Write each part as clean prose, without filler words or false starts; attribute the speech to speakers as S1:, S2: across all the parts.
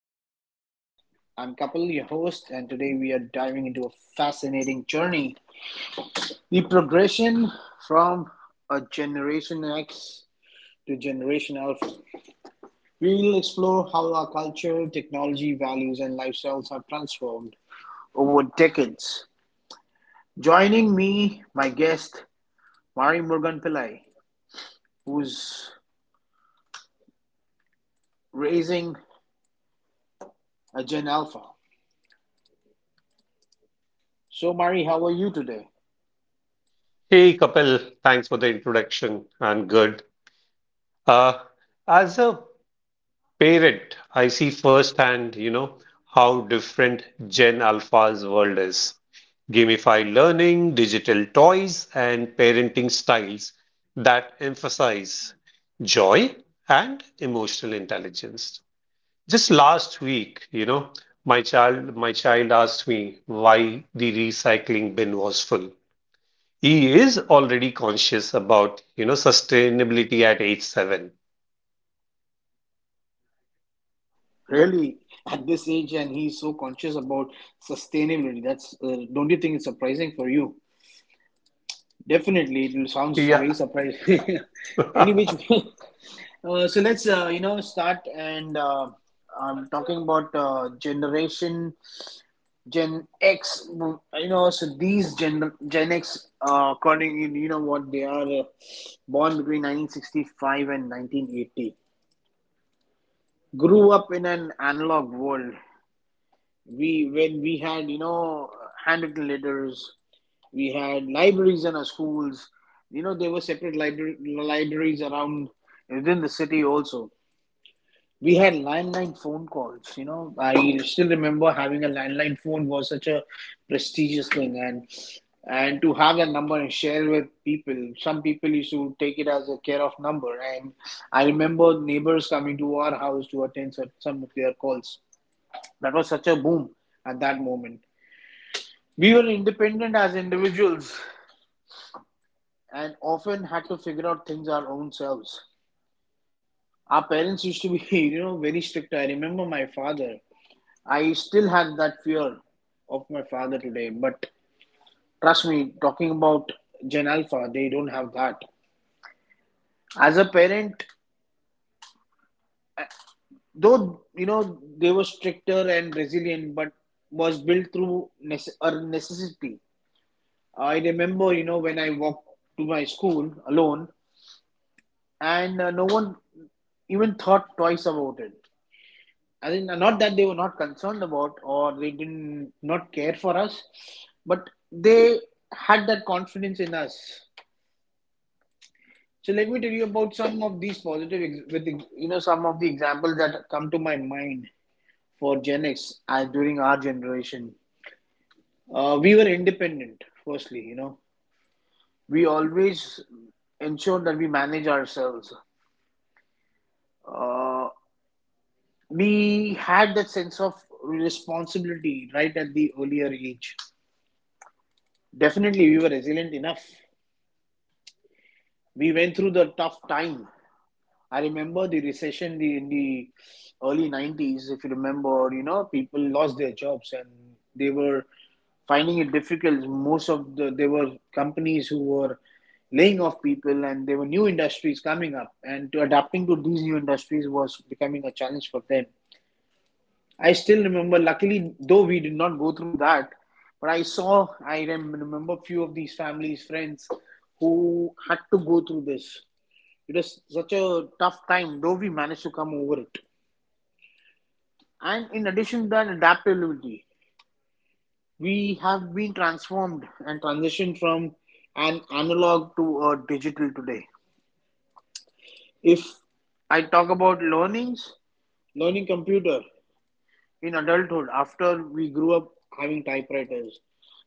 S1: today's podcast. I'm Kapil, your host, and today we are diving into a fascinating journey, the progression from a Generation X to Generation Alpha. We will explore how our culture, technology, values, and lifestyles have transformed over decades. Joining me, my guest, Mari Morgan Pillai, who's raising a Gen Alpha. So, Mari, how are you today?
S2: Hey Kapil, thanks for the introduction. I'm good. Uh, as a parent, I see firsthand, you know, how different Gen Alpha's world is. Gamified learning, digital toys, and parenting styles that emphasize joy and emotional intelligence. Just last week, you know, my child asked me why the recycling bin was full. He is already conscious about, you know, sustainability at age seven.
S1: Really, at this age, and he's so conscious about sustainability. That's, don't you think it's surprising for you? Definitely, it will sounds very
S2: Yeah.
S1: surprising. Any which way. So let's start and I'm talking about generation Gen X. You know, so these Gen X, according you know what they are born between 1965 and 1980. Grew up in an analog world we when we had you know handwritten letters, we had libraries in our schools, you know there were separate libraries around, within the city also. We had landline phone calls. You know, I still remember having a landline phone was such a prestigious thing, and to have that number and share with people. Some people used to take it as a care of number, and I remember neighbors coming to our house to attend some of their calls. That was such a boom at that moment. We were independent as individuals, and often had to figure out things our own selves. Our parents used to be, you know, very strict. I remember my father. I still have that fear of my father today, but trust me, talking about Gen Alpha, they don't have that. As a parent, though, you know, they were stricter and resilient, but was built through a necessity. I remember, you know, when I walked to my school alone, and no one even thought twice about it. I think not that they were not concerned about or they didn't not care for us, but they had that confidence in us. So let me tell you about some of these positive, with you know, some of the examples that come to my mind for Gen X as during our generation. We were independent. Firstly, you know, we always ensured that we manage ourselves. Uh, we had that sense of responsibility right at the earlier age. Definitely, we were resilient enough. We went through the tough time. I remember the recession in the early 90s, if you remember, you know, people lost their jobs and they were finding it difficult. Most of the, there were companies who were laying off people, and there were new industries coming up, and to adapting to these new industries was becoming a challenge for them. I still remember, luckily, though we did not go through that, but I saw, I remember few of these families, friends who had to go through this. It was such a tough time, though we managed to come over it. And in addition to that, adaptability. We have been transformed and transitioned from an analog to a digital today. If I talk about learnings, learning computer, in adulthood after we grew up having typewriters.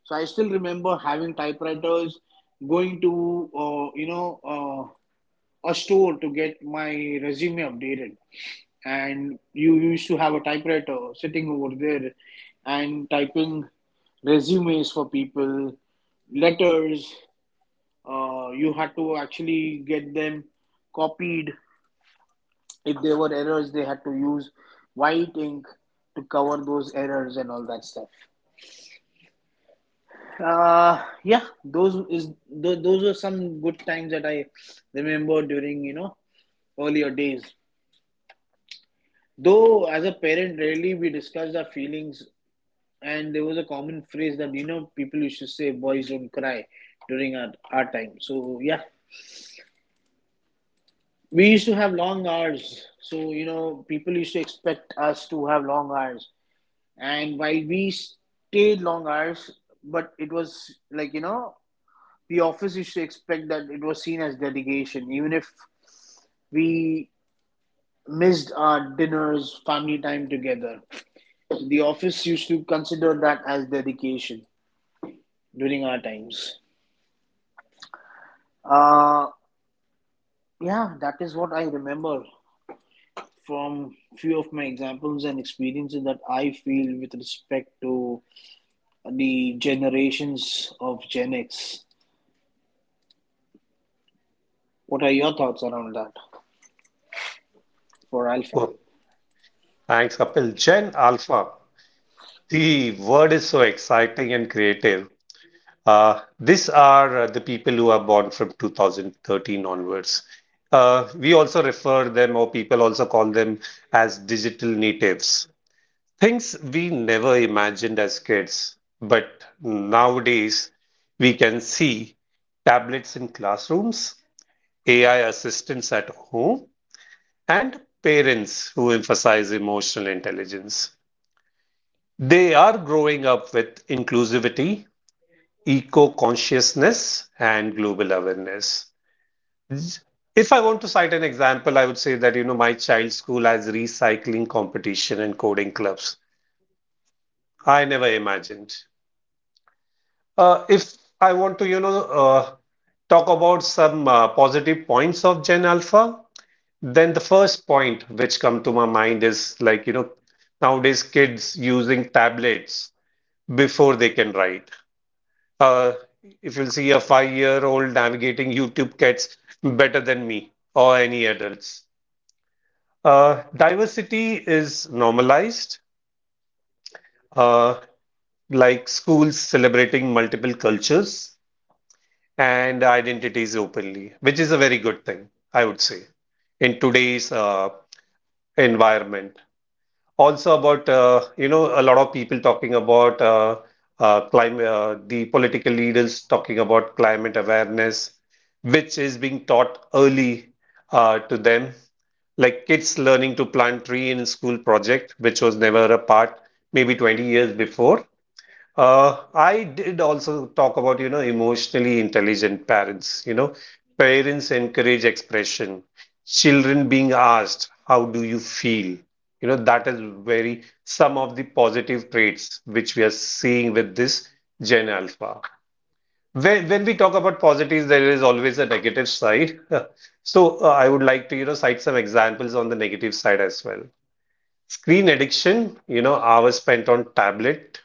S1: So I still remember having typewriters, going to a store to get my resume updated, and you used to have a typewriter sitting over there and typing resumes for people, letters. You had to actually get them copied. If there were errors, they had to use white ink to cover those errors and all that stuff. Yeah, those were some good times that I remember during, you know, earlier days. Though as a parent, rarely we discussed our feelings, and there was a common phrase that, you know, people used to say, "Boys don't cry," during our time. So yeah, we used to have long hours. So you know, people used to expect us to have long hours, and while we stayed long hours, but it was like you know the office used to expect, that it was seen as dedication, even if we missed our dinners, family time together. The office used to consider that as dedication during our times. Uh, yeah, that is what I remember from few of my examples and experiences that I feel with respect to the generations of Gen X. What are your thoughts around that for Alpha?
S2: Oh, thanks, Kapil. Gen Alpha. The word is so exciting and creative. These are the people who are born from 2013 onwards. We also refer them, or people also call them as digital natives. Things we never imagined as kids, but nowadays we can see tablets in classrooms, AI assistants at home, and parents who emphasize emotional intelligence. They are growing up with inclusivity, eco consciousness, and global awareness. If I want to cite an example, I would say that you know my child's school has recycling competition and coding clubs. I never imagined. If I want to talk about some positive points of Gen Alpha, then the first point which come to my mind is like, you know, nowadays kids using tablets before they can write. Uh, if you'll see a five-year-old navigating YouTube Kids better than me or any adults. Diversity is normalized, uh, like schools celebrating multiple cultures and identities openly, which is a very good thing, I would say, in today's environment. Also about a lot of people talking about climate, the political leaders talking about climate awareness, which is being taught early to them, like kids learning to plant tree in school project, which was never a part maybe 20 years before. I did also talk about, you know, emotionally intelligent parents. You know, parents encourage expression. Children being asked, how do you feel? You know, that is very some of the positive traits which we are seeing with this Gen Alpha. When we talk about positives, there is always a negative side. So I would like to, you know, cite some examples on the negative side as well. Screen addiction, you know, hours spent on tablet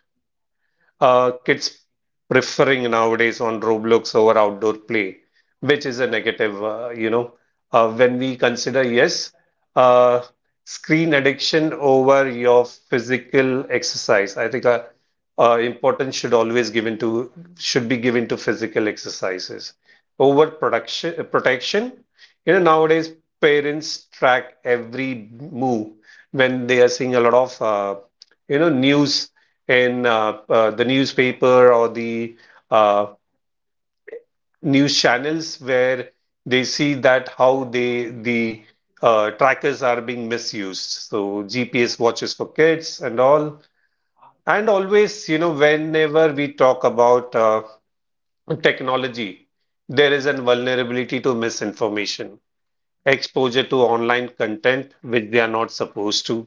S2: kids preferring nowadays on Roblox over outdoor play, which is a negative, you know. When we consider, yes, uh, screen addiction over your physical exercise. I think importance should always given to should be given to physical exercises over production protection. You know, nowadays parents track every move when they are seeing a lot of. You know news in the newspaper or the uh, news channels where they see that how the trackers are being misused. So GPS watches for kids and all. And always, you know, whenever we talk about technology, there is a vulnerability to misinformation, exposure to online content which they are not supposed to,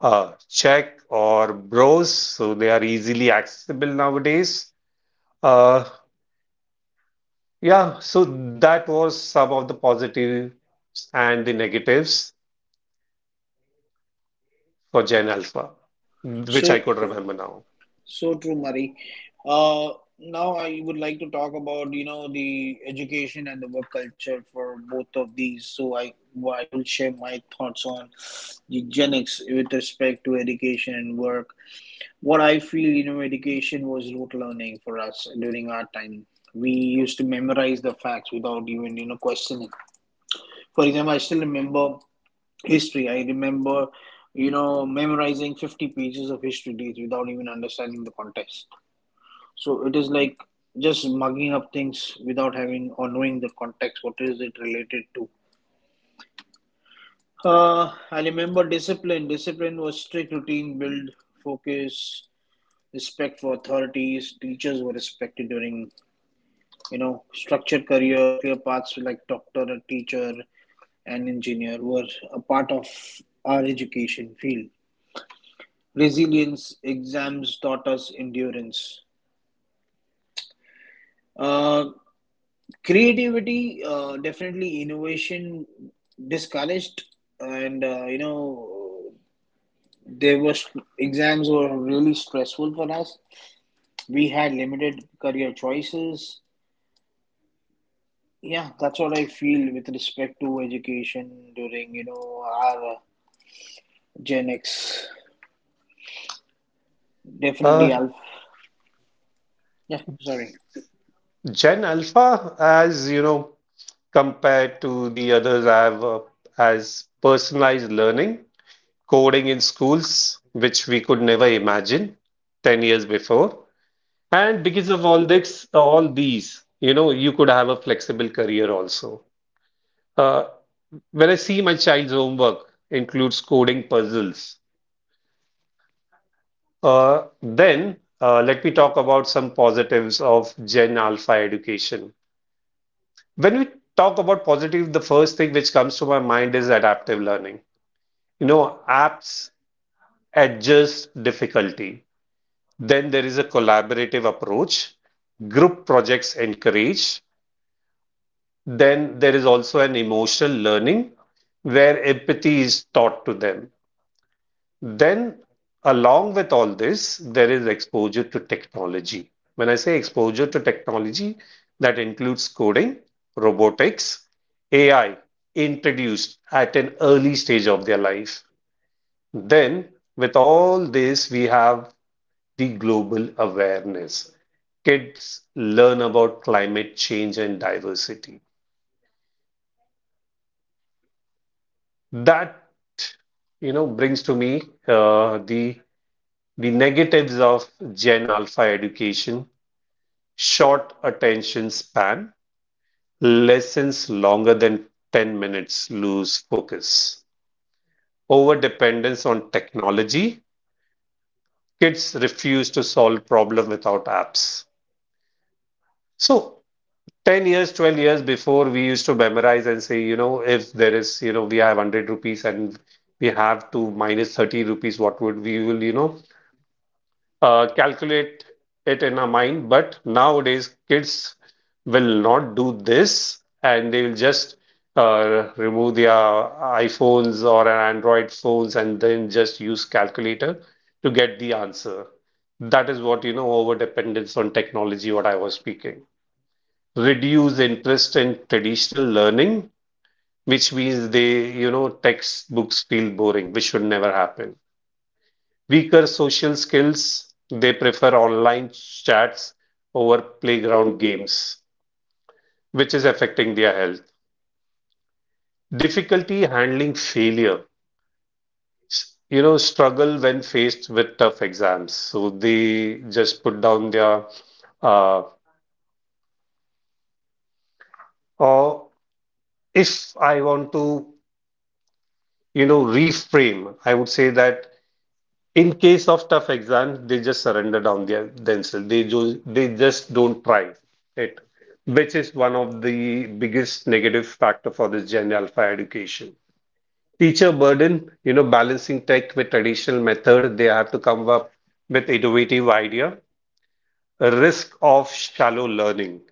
S2: check or browse. So they are easily accessible nowadays. Uh, yeah, so that was some of the positives and the negatives for Gen Alpha, which
S1: So
S2: I could remember now.
S1: So true, Mari. Uh, Now I would like to talk about you know the education and the work culture for both of these. So I, well, I will share my thoughts on the Gen X with respect to education and work. What I feel, you know, education was rote learning for us during our time. We used to memorize the facts without even you know questioning. For example, I still remember history. I remember you know memorizing 50 pages of history dates without even understanding the context. So it is like just mugging up things without having or knowing the context. What is it related to? I remember discipline. Discipline was strict routine, build, focus, respect for authorities. Teachers were respected during, you know, structured career, clear paths like doctor, a teacher, and engineer were a part of our education field. Resilience exams taught us endurance. Uh, Creativity, definitely innovation discouraged, and you know there was, exams were really stressful for us. We had limited career choices. Yeah, that's what I feel with respect to education during you know our Gen X. Definitely
S2: Uh,
S1: I, yeah, sorry.
S2: Gen Alpha, as you know, compared to the others, I have as personalized learning, coding in schools, which we could never imagine 10 years before. And because of all these, you know, you could have a flexible career also. Uh, when I see my child's homework includes coding puzzles, then let me talk about some positives of Gen Alpha education. When we talk about positive, the first thing which comes to my mind is adaptive learning. You know, apps adjust difficulty. Then there is a collaborative approach. Group projects encourage. Then there is also an emotional learning where empathy is taught to them. Then, along with all this, there is exposure to technology. When I say exposure to technology, that includes coding, robotics, AI introduced at an early stage of their life. Then, with all this, we have the global awareness. Kids learn about climate change and diversity. That you know brings to me uh, the the negatives of Gen Alpha education: short attention span, lessons longer than 10 minutes lose focus, over dependence on technology. Kids refuse to solve problem without apps. So 10 years, 12 years before, we used to memorize and say, you know, if there is, you know, we have 100 rupees and we have to minus 30 rupees, what would we will, you know, calculate it in our mind. But nowadays, kids will not do this and they will just remove their iPhones or an Android phones and then just use calculator to get the answer. That is what, you know, over dependence on technology, what I was speaking. Reduce interest in traditional learning, which means they, you know, textbooks feel boring, which should never happen. Weaker social skills, they prefer online chats over playground games, which is affecting their health. Difficulty handling failure, you know, struggle when faced with tough exams. So they just put down their, uh, or if I want to, you know, reframe, I would say that in case of tough exams, they just surrender down their themselves. They just don't try it, which is one of the biggest negative factor for this Gen Alpha education. Teacher burden, you know, balancing tech with traditional method, they have to come up with innovative idea. Risk of shallow learning,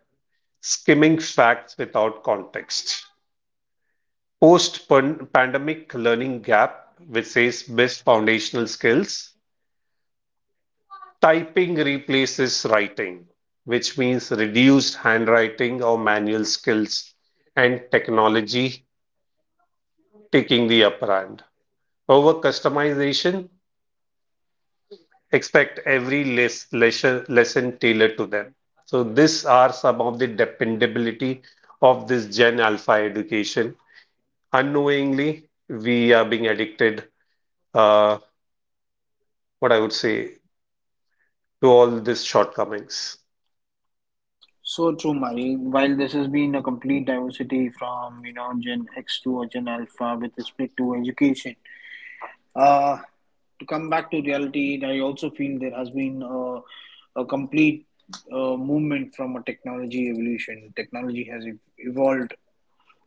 S2: skimming facts without context. Post-pandemic learning gap, which says best foundational skills typing replaces writing, which means reduced handwriting or manual skills and technology taking the upper hand. Over customization, expect every lesson tailored to them. So these are some of the dependability of this Gen Alpha education. Unknowingly, we are being addicted, uh, what I would say, to all these shortcomings.
S1: So true, Mari. While this has been a complete diversity from, you know, Gen X to a Gen Alpha with respect to education, Uh, to come back to reality, I also feel there has been a complete movement from a technology evolution. Technology has evolved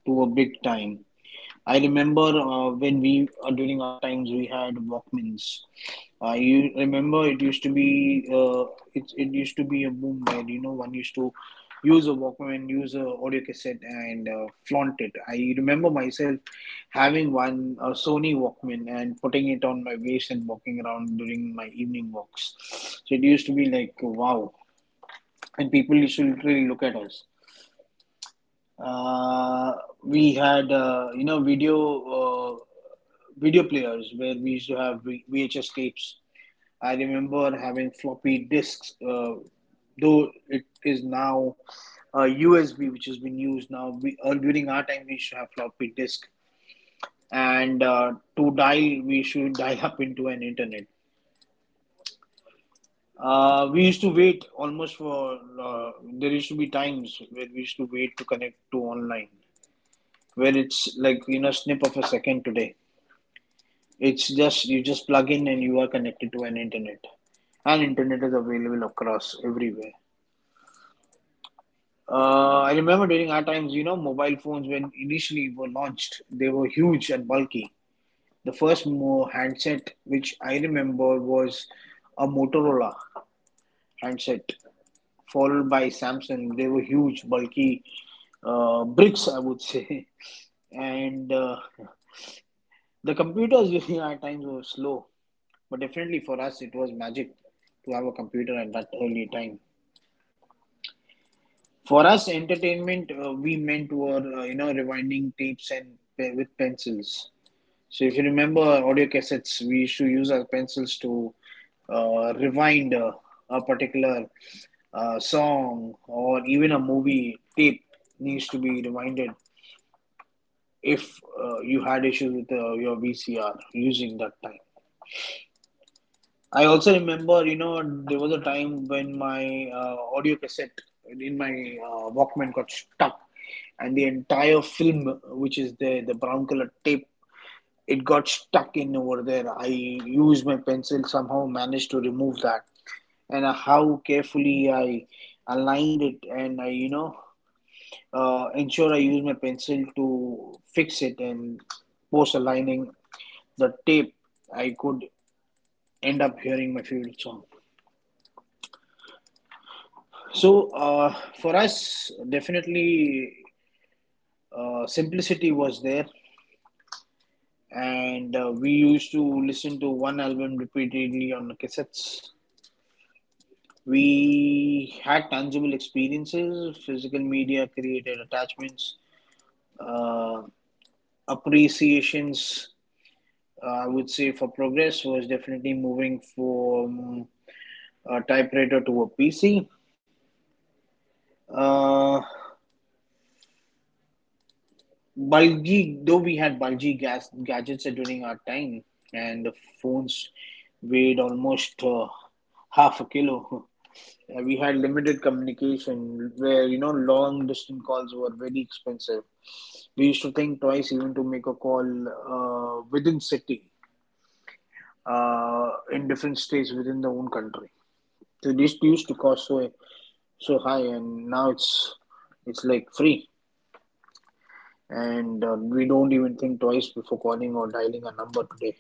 S1: to a big time. I remember when we during our times we had Walkmans. I, you remember, it used to be it it used to be a boom where you know one used to use a Walkman, use a audio cassette, and flaunt it. I remember myself having one, a Sony Walkman, and putting it on my waist and walking around during my evening walks. So it used to be like wow, and people used to literally look at us. Uh, we had you know video. Uh, Video players where we used to have VHS tapes. I remember having floppy disks, though it is now USB, which has been used now. We, during our time, we used to have floppy disk, and to dial, we should dial up into an internet. We used to wait almost for. There used to be times where we used to wait to connect to online, where it's like in a snip of a second today. It's just, you just plug in and you are connected to an internet, and internet is available across everywhere. I remember during our times, you know, mobile phones when initially were launched, they were huge and bulky. The first handset which I remember was a Motorola handset, followed by Samsung. They were huge, bulky, bricks, I would say. And the computers at times were slow. But definitely for us, it was magic to have a computer at that early time. For us, entertainment, we meant were, you know, rewinding tapes and with pencils. So if you remember audio cassettes, we used to use our pencils to rewind a particular song, or even a movie tape needs to be rewinded if you had issues with your VCR using that time. I also remember, you know, there was a time when my audio cassette in my Walkman got stuck, and the entire film, which is the brown color tape, it got stuck in over there. I used my pencil, somehow managed to remove that, and how carefully I aligned it, and I, you know, ensure I use my pencil to fix it and post aligning the tape, I could end up hearing my favorite song. So for us, definitely simplicity was there, and we used to listen to one album repeatedly on the cassettes. We had tangible experiences. Physical media created attachments, uh, appreciations. I would say for progress was definitely moving from a typewriter to a PC. Uh, bulgy though we had bulgy gas gadgets during our time and the phones weighed almost half a kilo we had limited communication where you know long distance calls were very expensive. We used to think twice even to make a call, within city, in different states within the own country. So this used to cost so high, and now it's like free. And we don't even think twice before calling or dialing a number today,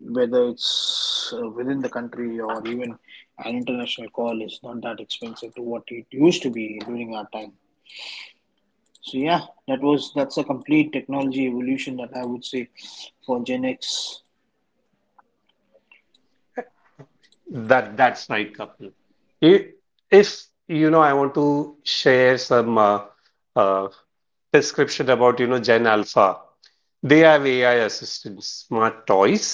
S1: whether it's within the country, or even an international call is not that expensive to what it used to be during our time. So yeah, that's a complete technology evolution that I would say for Gen X.
S2: That's right, Kapil. I- If you know, I want to share some uh, description about you know Gen Alpha. They have AI assistant smart toys,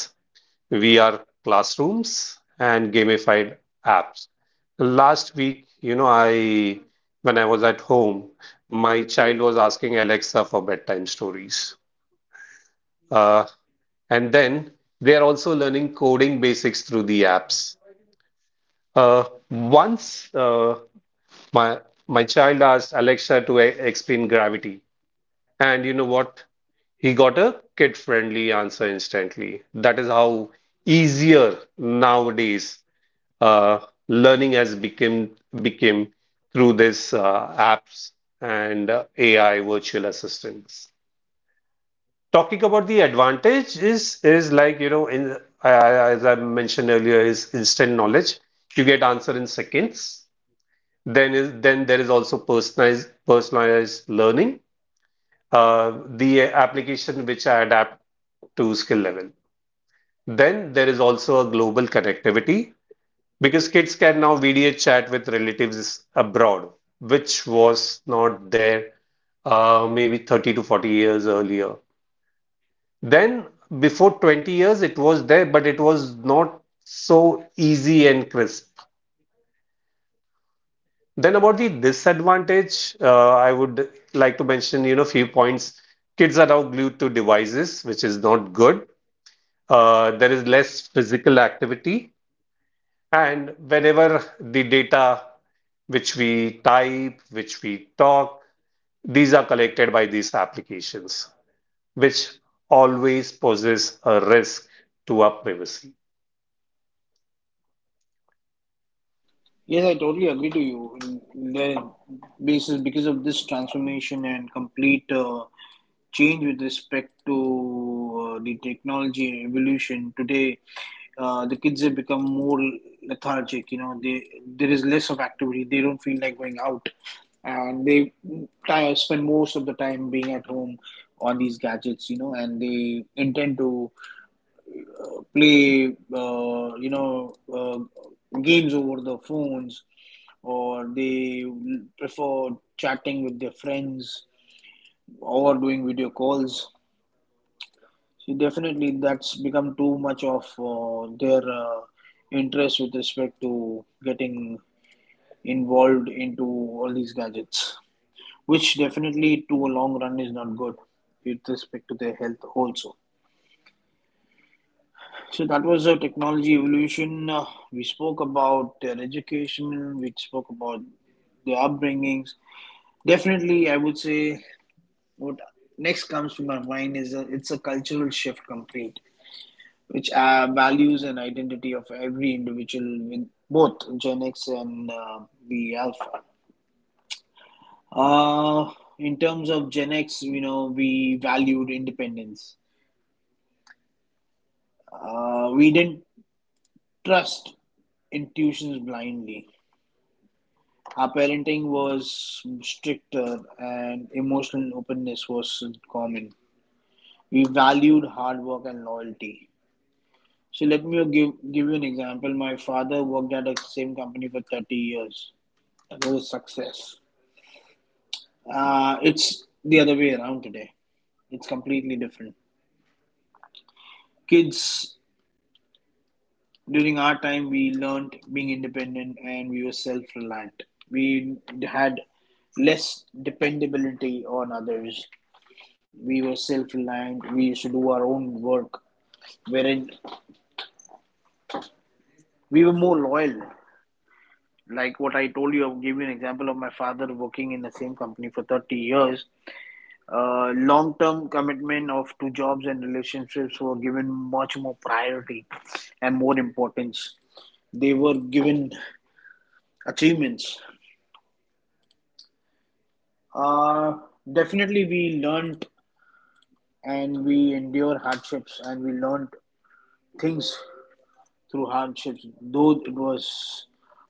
S2: VR classrooms, and gamified apps. Last week, you know, I when I was at home, my child was asking Alexa for bedtime stories. Uh, and then they are also learning coding basics through the apps. Uh, Once my my child asked Alexa to e explain gravity, and you know what? He got a kid-friendly answer instantly. That is how easier nowadays uh, learning has become became through this apps and AI virtual assistants. Talking about the advantage is like you know in as I mentioned earlier is instant knowledge. You get answer in seconds. Then there is also personalized learning, the application which I adapt to skill level. Then there is also a global connectivity because kids can now video chat with relatives abroad, which was not there maybe 30 to 40 years earlier. Then before 20 years it was there, but it was not so easy and crisp. Then about the disadvantage, I would like to mention, you know, few points. Kids are now glued to devices, which is not good. There is less physical activity, and whenever the data which we type, which we talk, these are collected by these applications, which always poses a risk to our privacy.
S1: Yes, I totally agree to you. The basis because of this transformation and complete change with respect to the technology evolution today, the kids have become more lethargic. You know, they there is less of activity. They don't feel like going out, and they try, spend most of the time being at home on these gadgets. You know, and they intend to play games over the phones, or they prefer chatting with their friends or doing video calls. So definitely that's become too much of their interest with respect to getting involved into all these gadgets, which definitely to a long run is not good with respect to their health also. So that was a technology evolution. We spoke about their education, we spoke about their upbringings. Definitely, I would say what next comes to my mind is it's a cultural shift complete, which values and identity of every individual with both Gen X and the Alpha. Uh, in terms of Gen X, you know, we valued independence. We didn't trust intuitions blindly. Our parenting was stricter, and emotional openness was common. We valued hard work and loyalty. So let me give you an example. My father worked at the same company for 30 years. That was a success. It's the other way around today. It's completely different. Kids, during our time, we learned being independent and we were self reliant. We had less dependability on others. We were self-reliant. We used to do our own work. Wherein we were more loyal. Like what I told you, I'll give you an example of my father working in the same company for 30 years. Long-term commitment of to jobs and relationships were given much more priority and more importance. They were given achievements. Uh, definitely, we learned and we endure hardships, and we learned things through hardships, though it was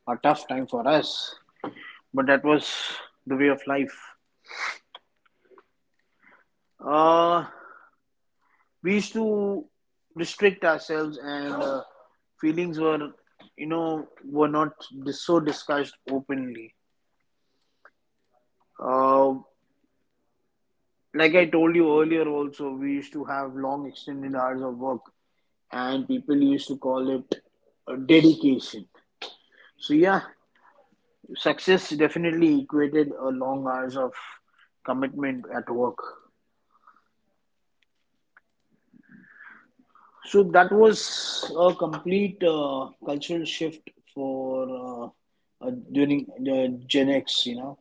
S1: a tough time for us, but that was the way of life. Uh, we used to restrict ourselves, and feelings were, you know, were not so discussed openly. Uh, like I told you earlier, also we used to have long extended hours of work, and people used to call it a dedication. So yeah, success definitely equated a long hours of commitment at work. So that was a complete cultural shift for during the Gen X. You know,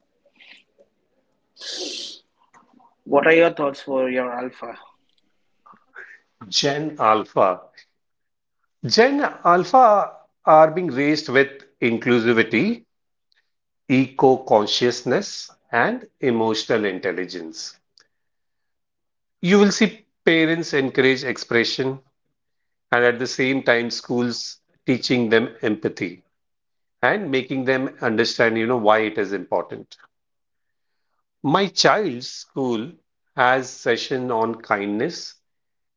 S1: what are your thoughts for your Alpha?
S2: Gen Alpha. Gen Alpha are being raised with inclusivity, eco-consciousness and emotional intelligence. You will see parents encourage expression and at the same time schools teaching them empathy and making them understand you know why it is important. My child's school has session on kindness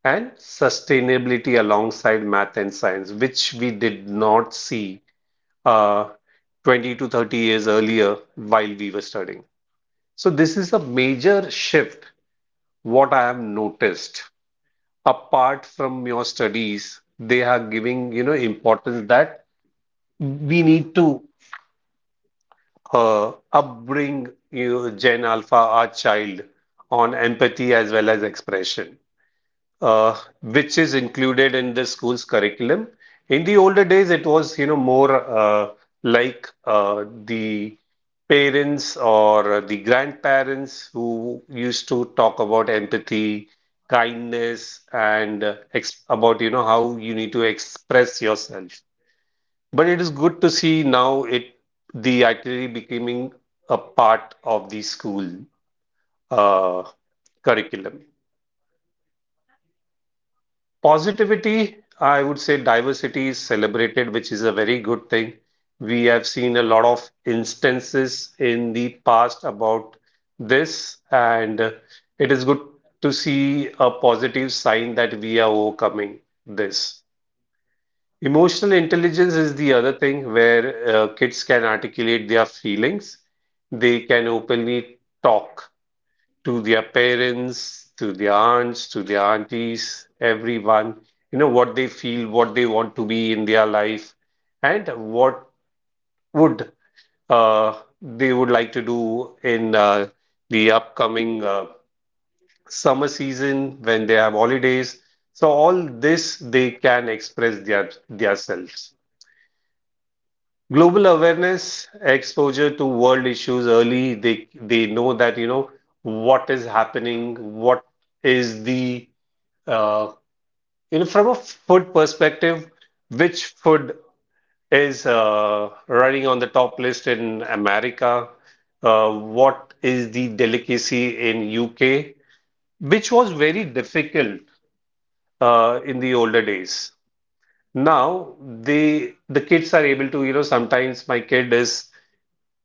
S2: and sustainability alongside math and science which we did not see uh, 20 to 30 years earlier while we were studying. So this is a major shift what I have noticed, apart from your studies, they are giving, you know, importance that we need to upbring, you know, Gen Alpha, our child, on empathy as well as expression, which is included in the school's curriculum. In the older days, it was, you know, more like the parents or the grandparents who used to talk about empathy, kindness, and ex about, you know, how you need to express yourself. But it is good to see now it the itinerary becoming a part of the school uh, curriculum. Positivity, I would say diversity is celebrated, which is a very good thing. We have seen a lot of instances in the past about this, and it is good to see a positive sign that we are overcoming this. Emotional intelligence is the other thing where kids can articulate their feelings, they can openly talk to their parents, to their aunts, to their aunties, everyone, you know, what they feel, what they want to be in their life, and what would they would like to do in the upcoming summer season when they have holidays. So all this they can express their selves. Global awareness, exposure to world issues early, they know that, you know, what is happening, what is the uh, you know, from a food perspective, which food is running on the top list in America? What is the delicacy in UK? Which was very difficult in the older days. Now the kids are able to, you know, sometimes my kid is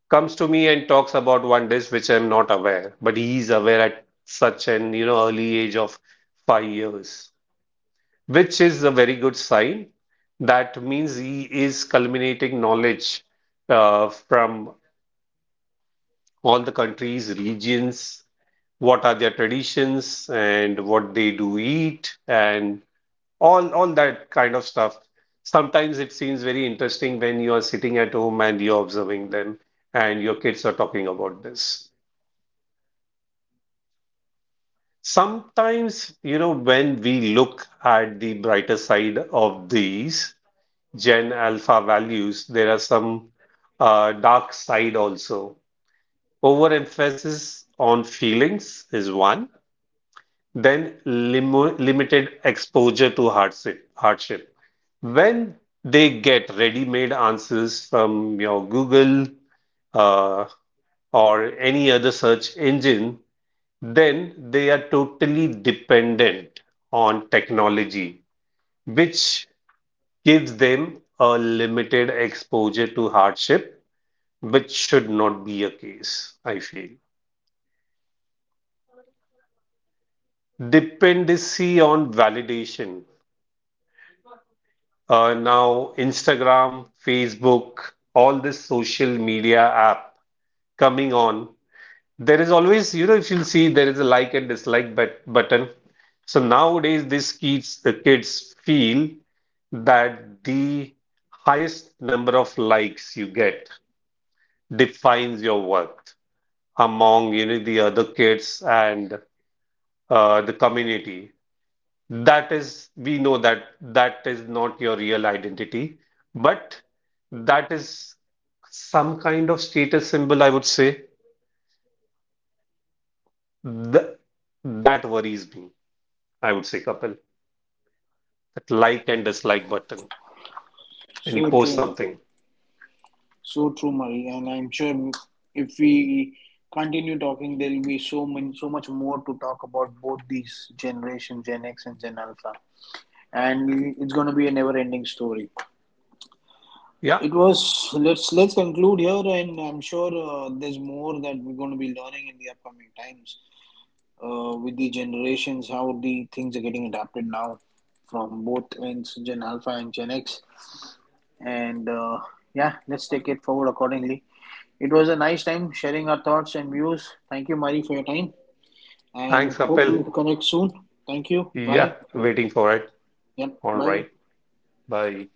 S2: comes to me and talks about one dish which I'm not aware, but he's aware at such an, you know, early age of 5 years, which is a very good sign. That means he is culminating knowledge from all the countries, regions, what are their traditions and what they do eat and all that kind of stuff. Sometimes it seems very interesting when you are sitting at home and you're observing them and your kids are talking about this. Sometimes, you know, when we look at the brighter side of these Gen Alpha values, there are some dark side also. Overemphasis on feelings is one, then limited exposure to hardship. When they get ready-made answers from your Google uh, or any other search engine, then they are totally dependent on technology, which gives them a limited exposure to hardship, which should not be a case, I feel. Dependency on validation. Now, Instagram, Facebook, all this social media app coming on. There is always, you know, if you'll see, there is a like and dislike but button. So nowadays, the kids feel that the highest number of likes you get defines your worth among, you know, the other kids and the community. That is, we know that that is not your real identity, but that is some kind of status symbol, I would say. Th That worries me, I would say, Kapil. That like and dislike button when
S1: So
S2: you post
S1: true,
S2: something.
S1: so true, Marie. And I'm sure if we continue talking, there will be so many, so much more to talk about both these generation, Gen X and Gen Alpha, and it's going to be a never-ending story.
S2: Yeah,
S1: It was let's conclude here, and I'm sure there's more that we're going to be learning in the upcoming times with the generations, how the things are getting adapted now from both ends, Gen Alpha and Gen X, and yeah, let's take it forward accordingly. It was a nice time sharing our thoughts and views. Thank you, Mari, for your time, and
S2: thanks,
S1: hope
S2: Kapil.
S1: we connect soon. Thank you.
S2: Yeah,
S1: Bye.
S2: waiting for it.
S1: Yep.
S2: All
S1: Bye.
S2: right, bye.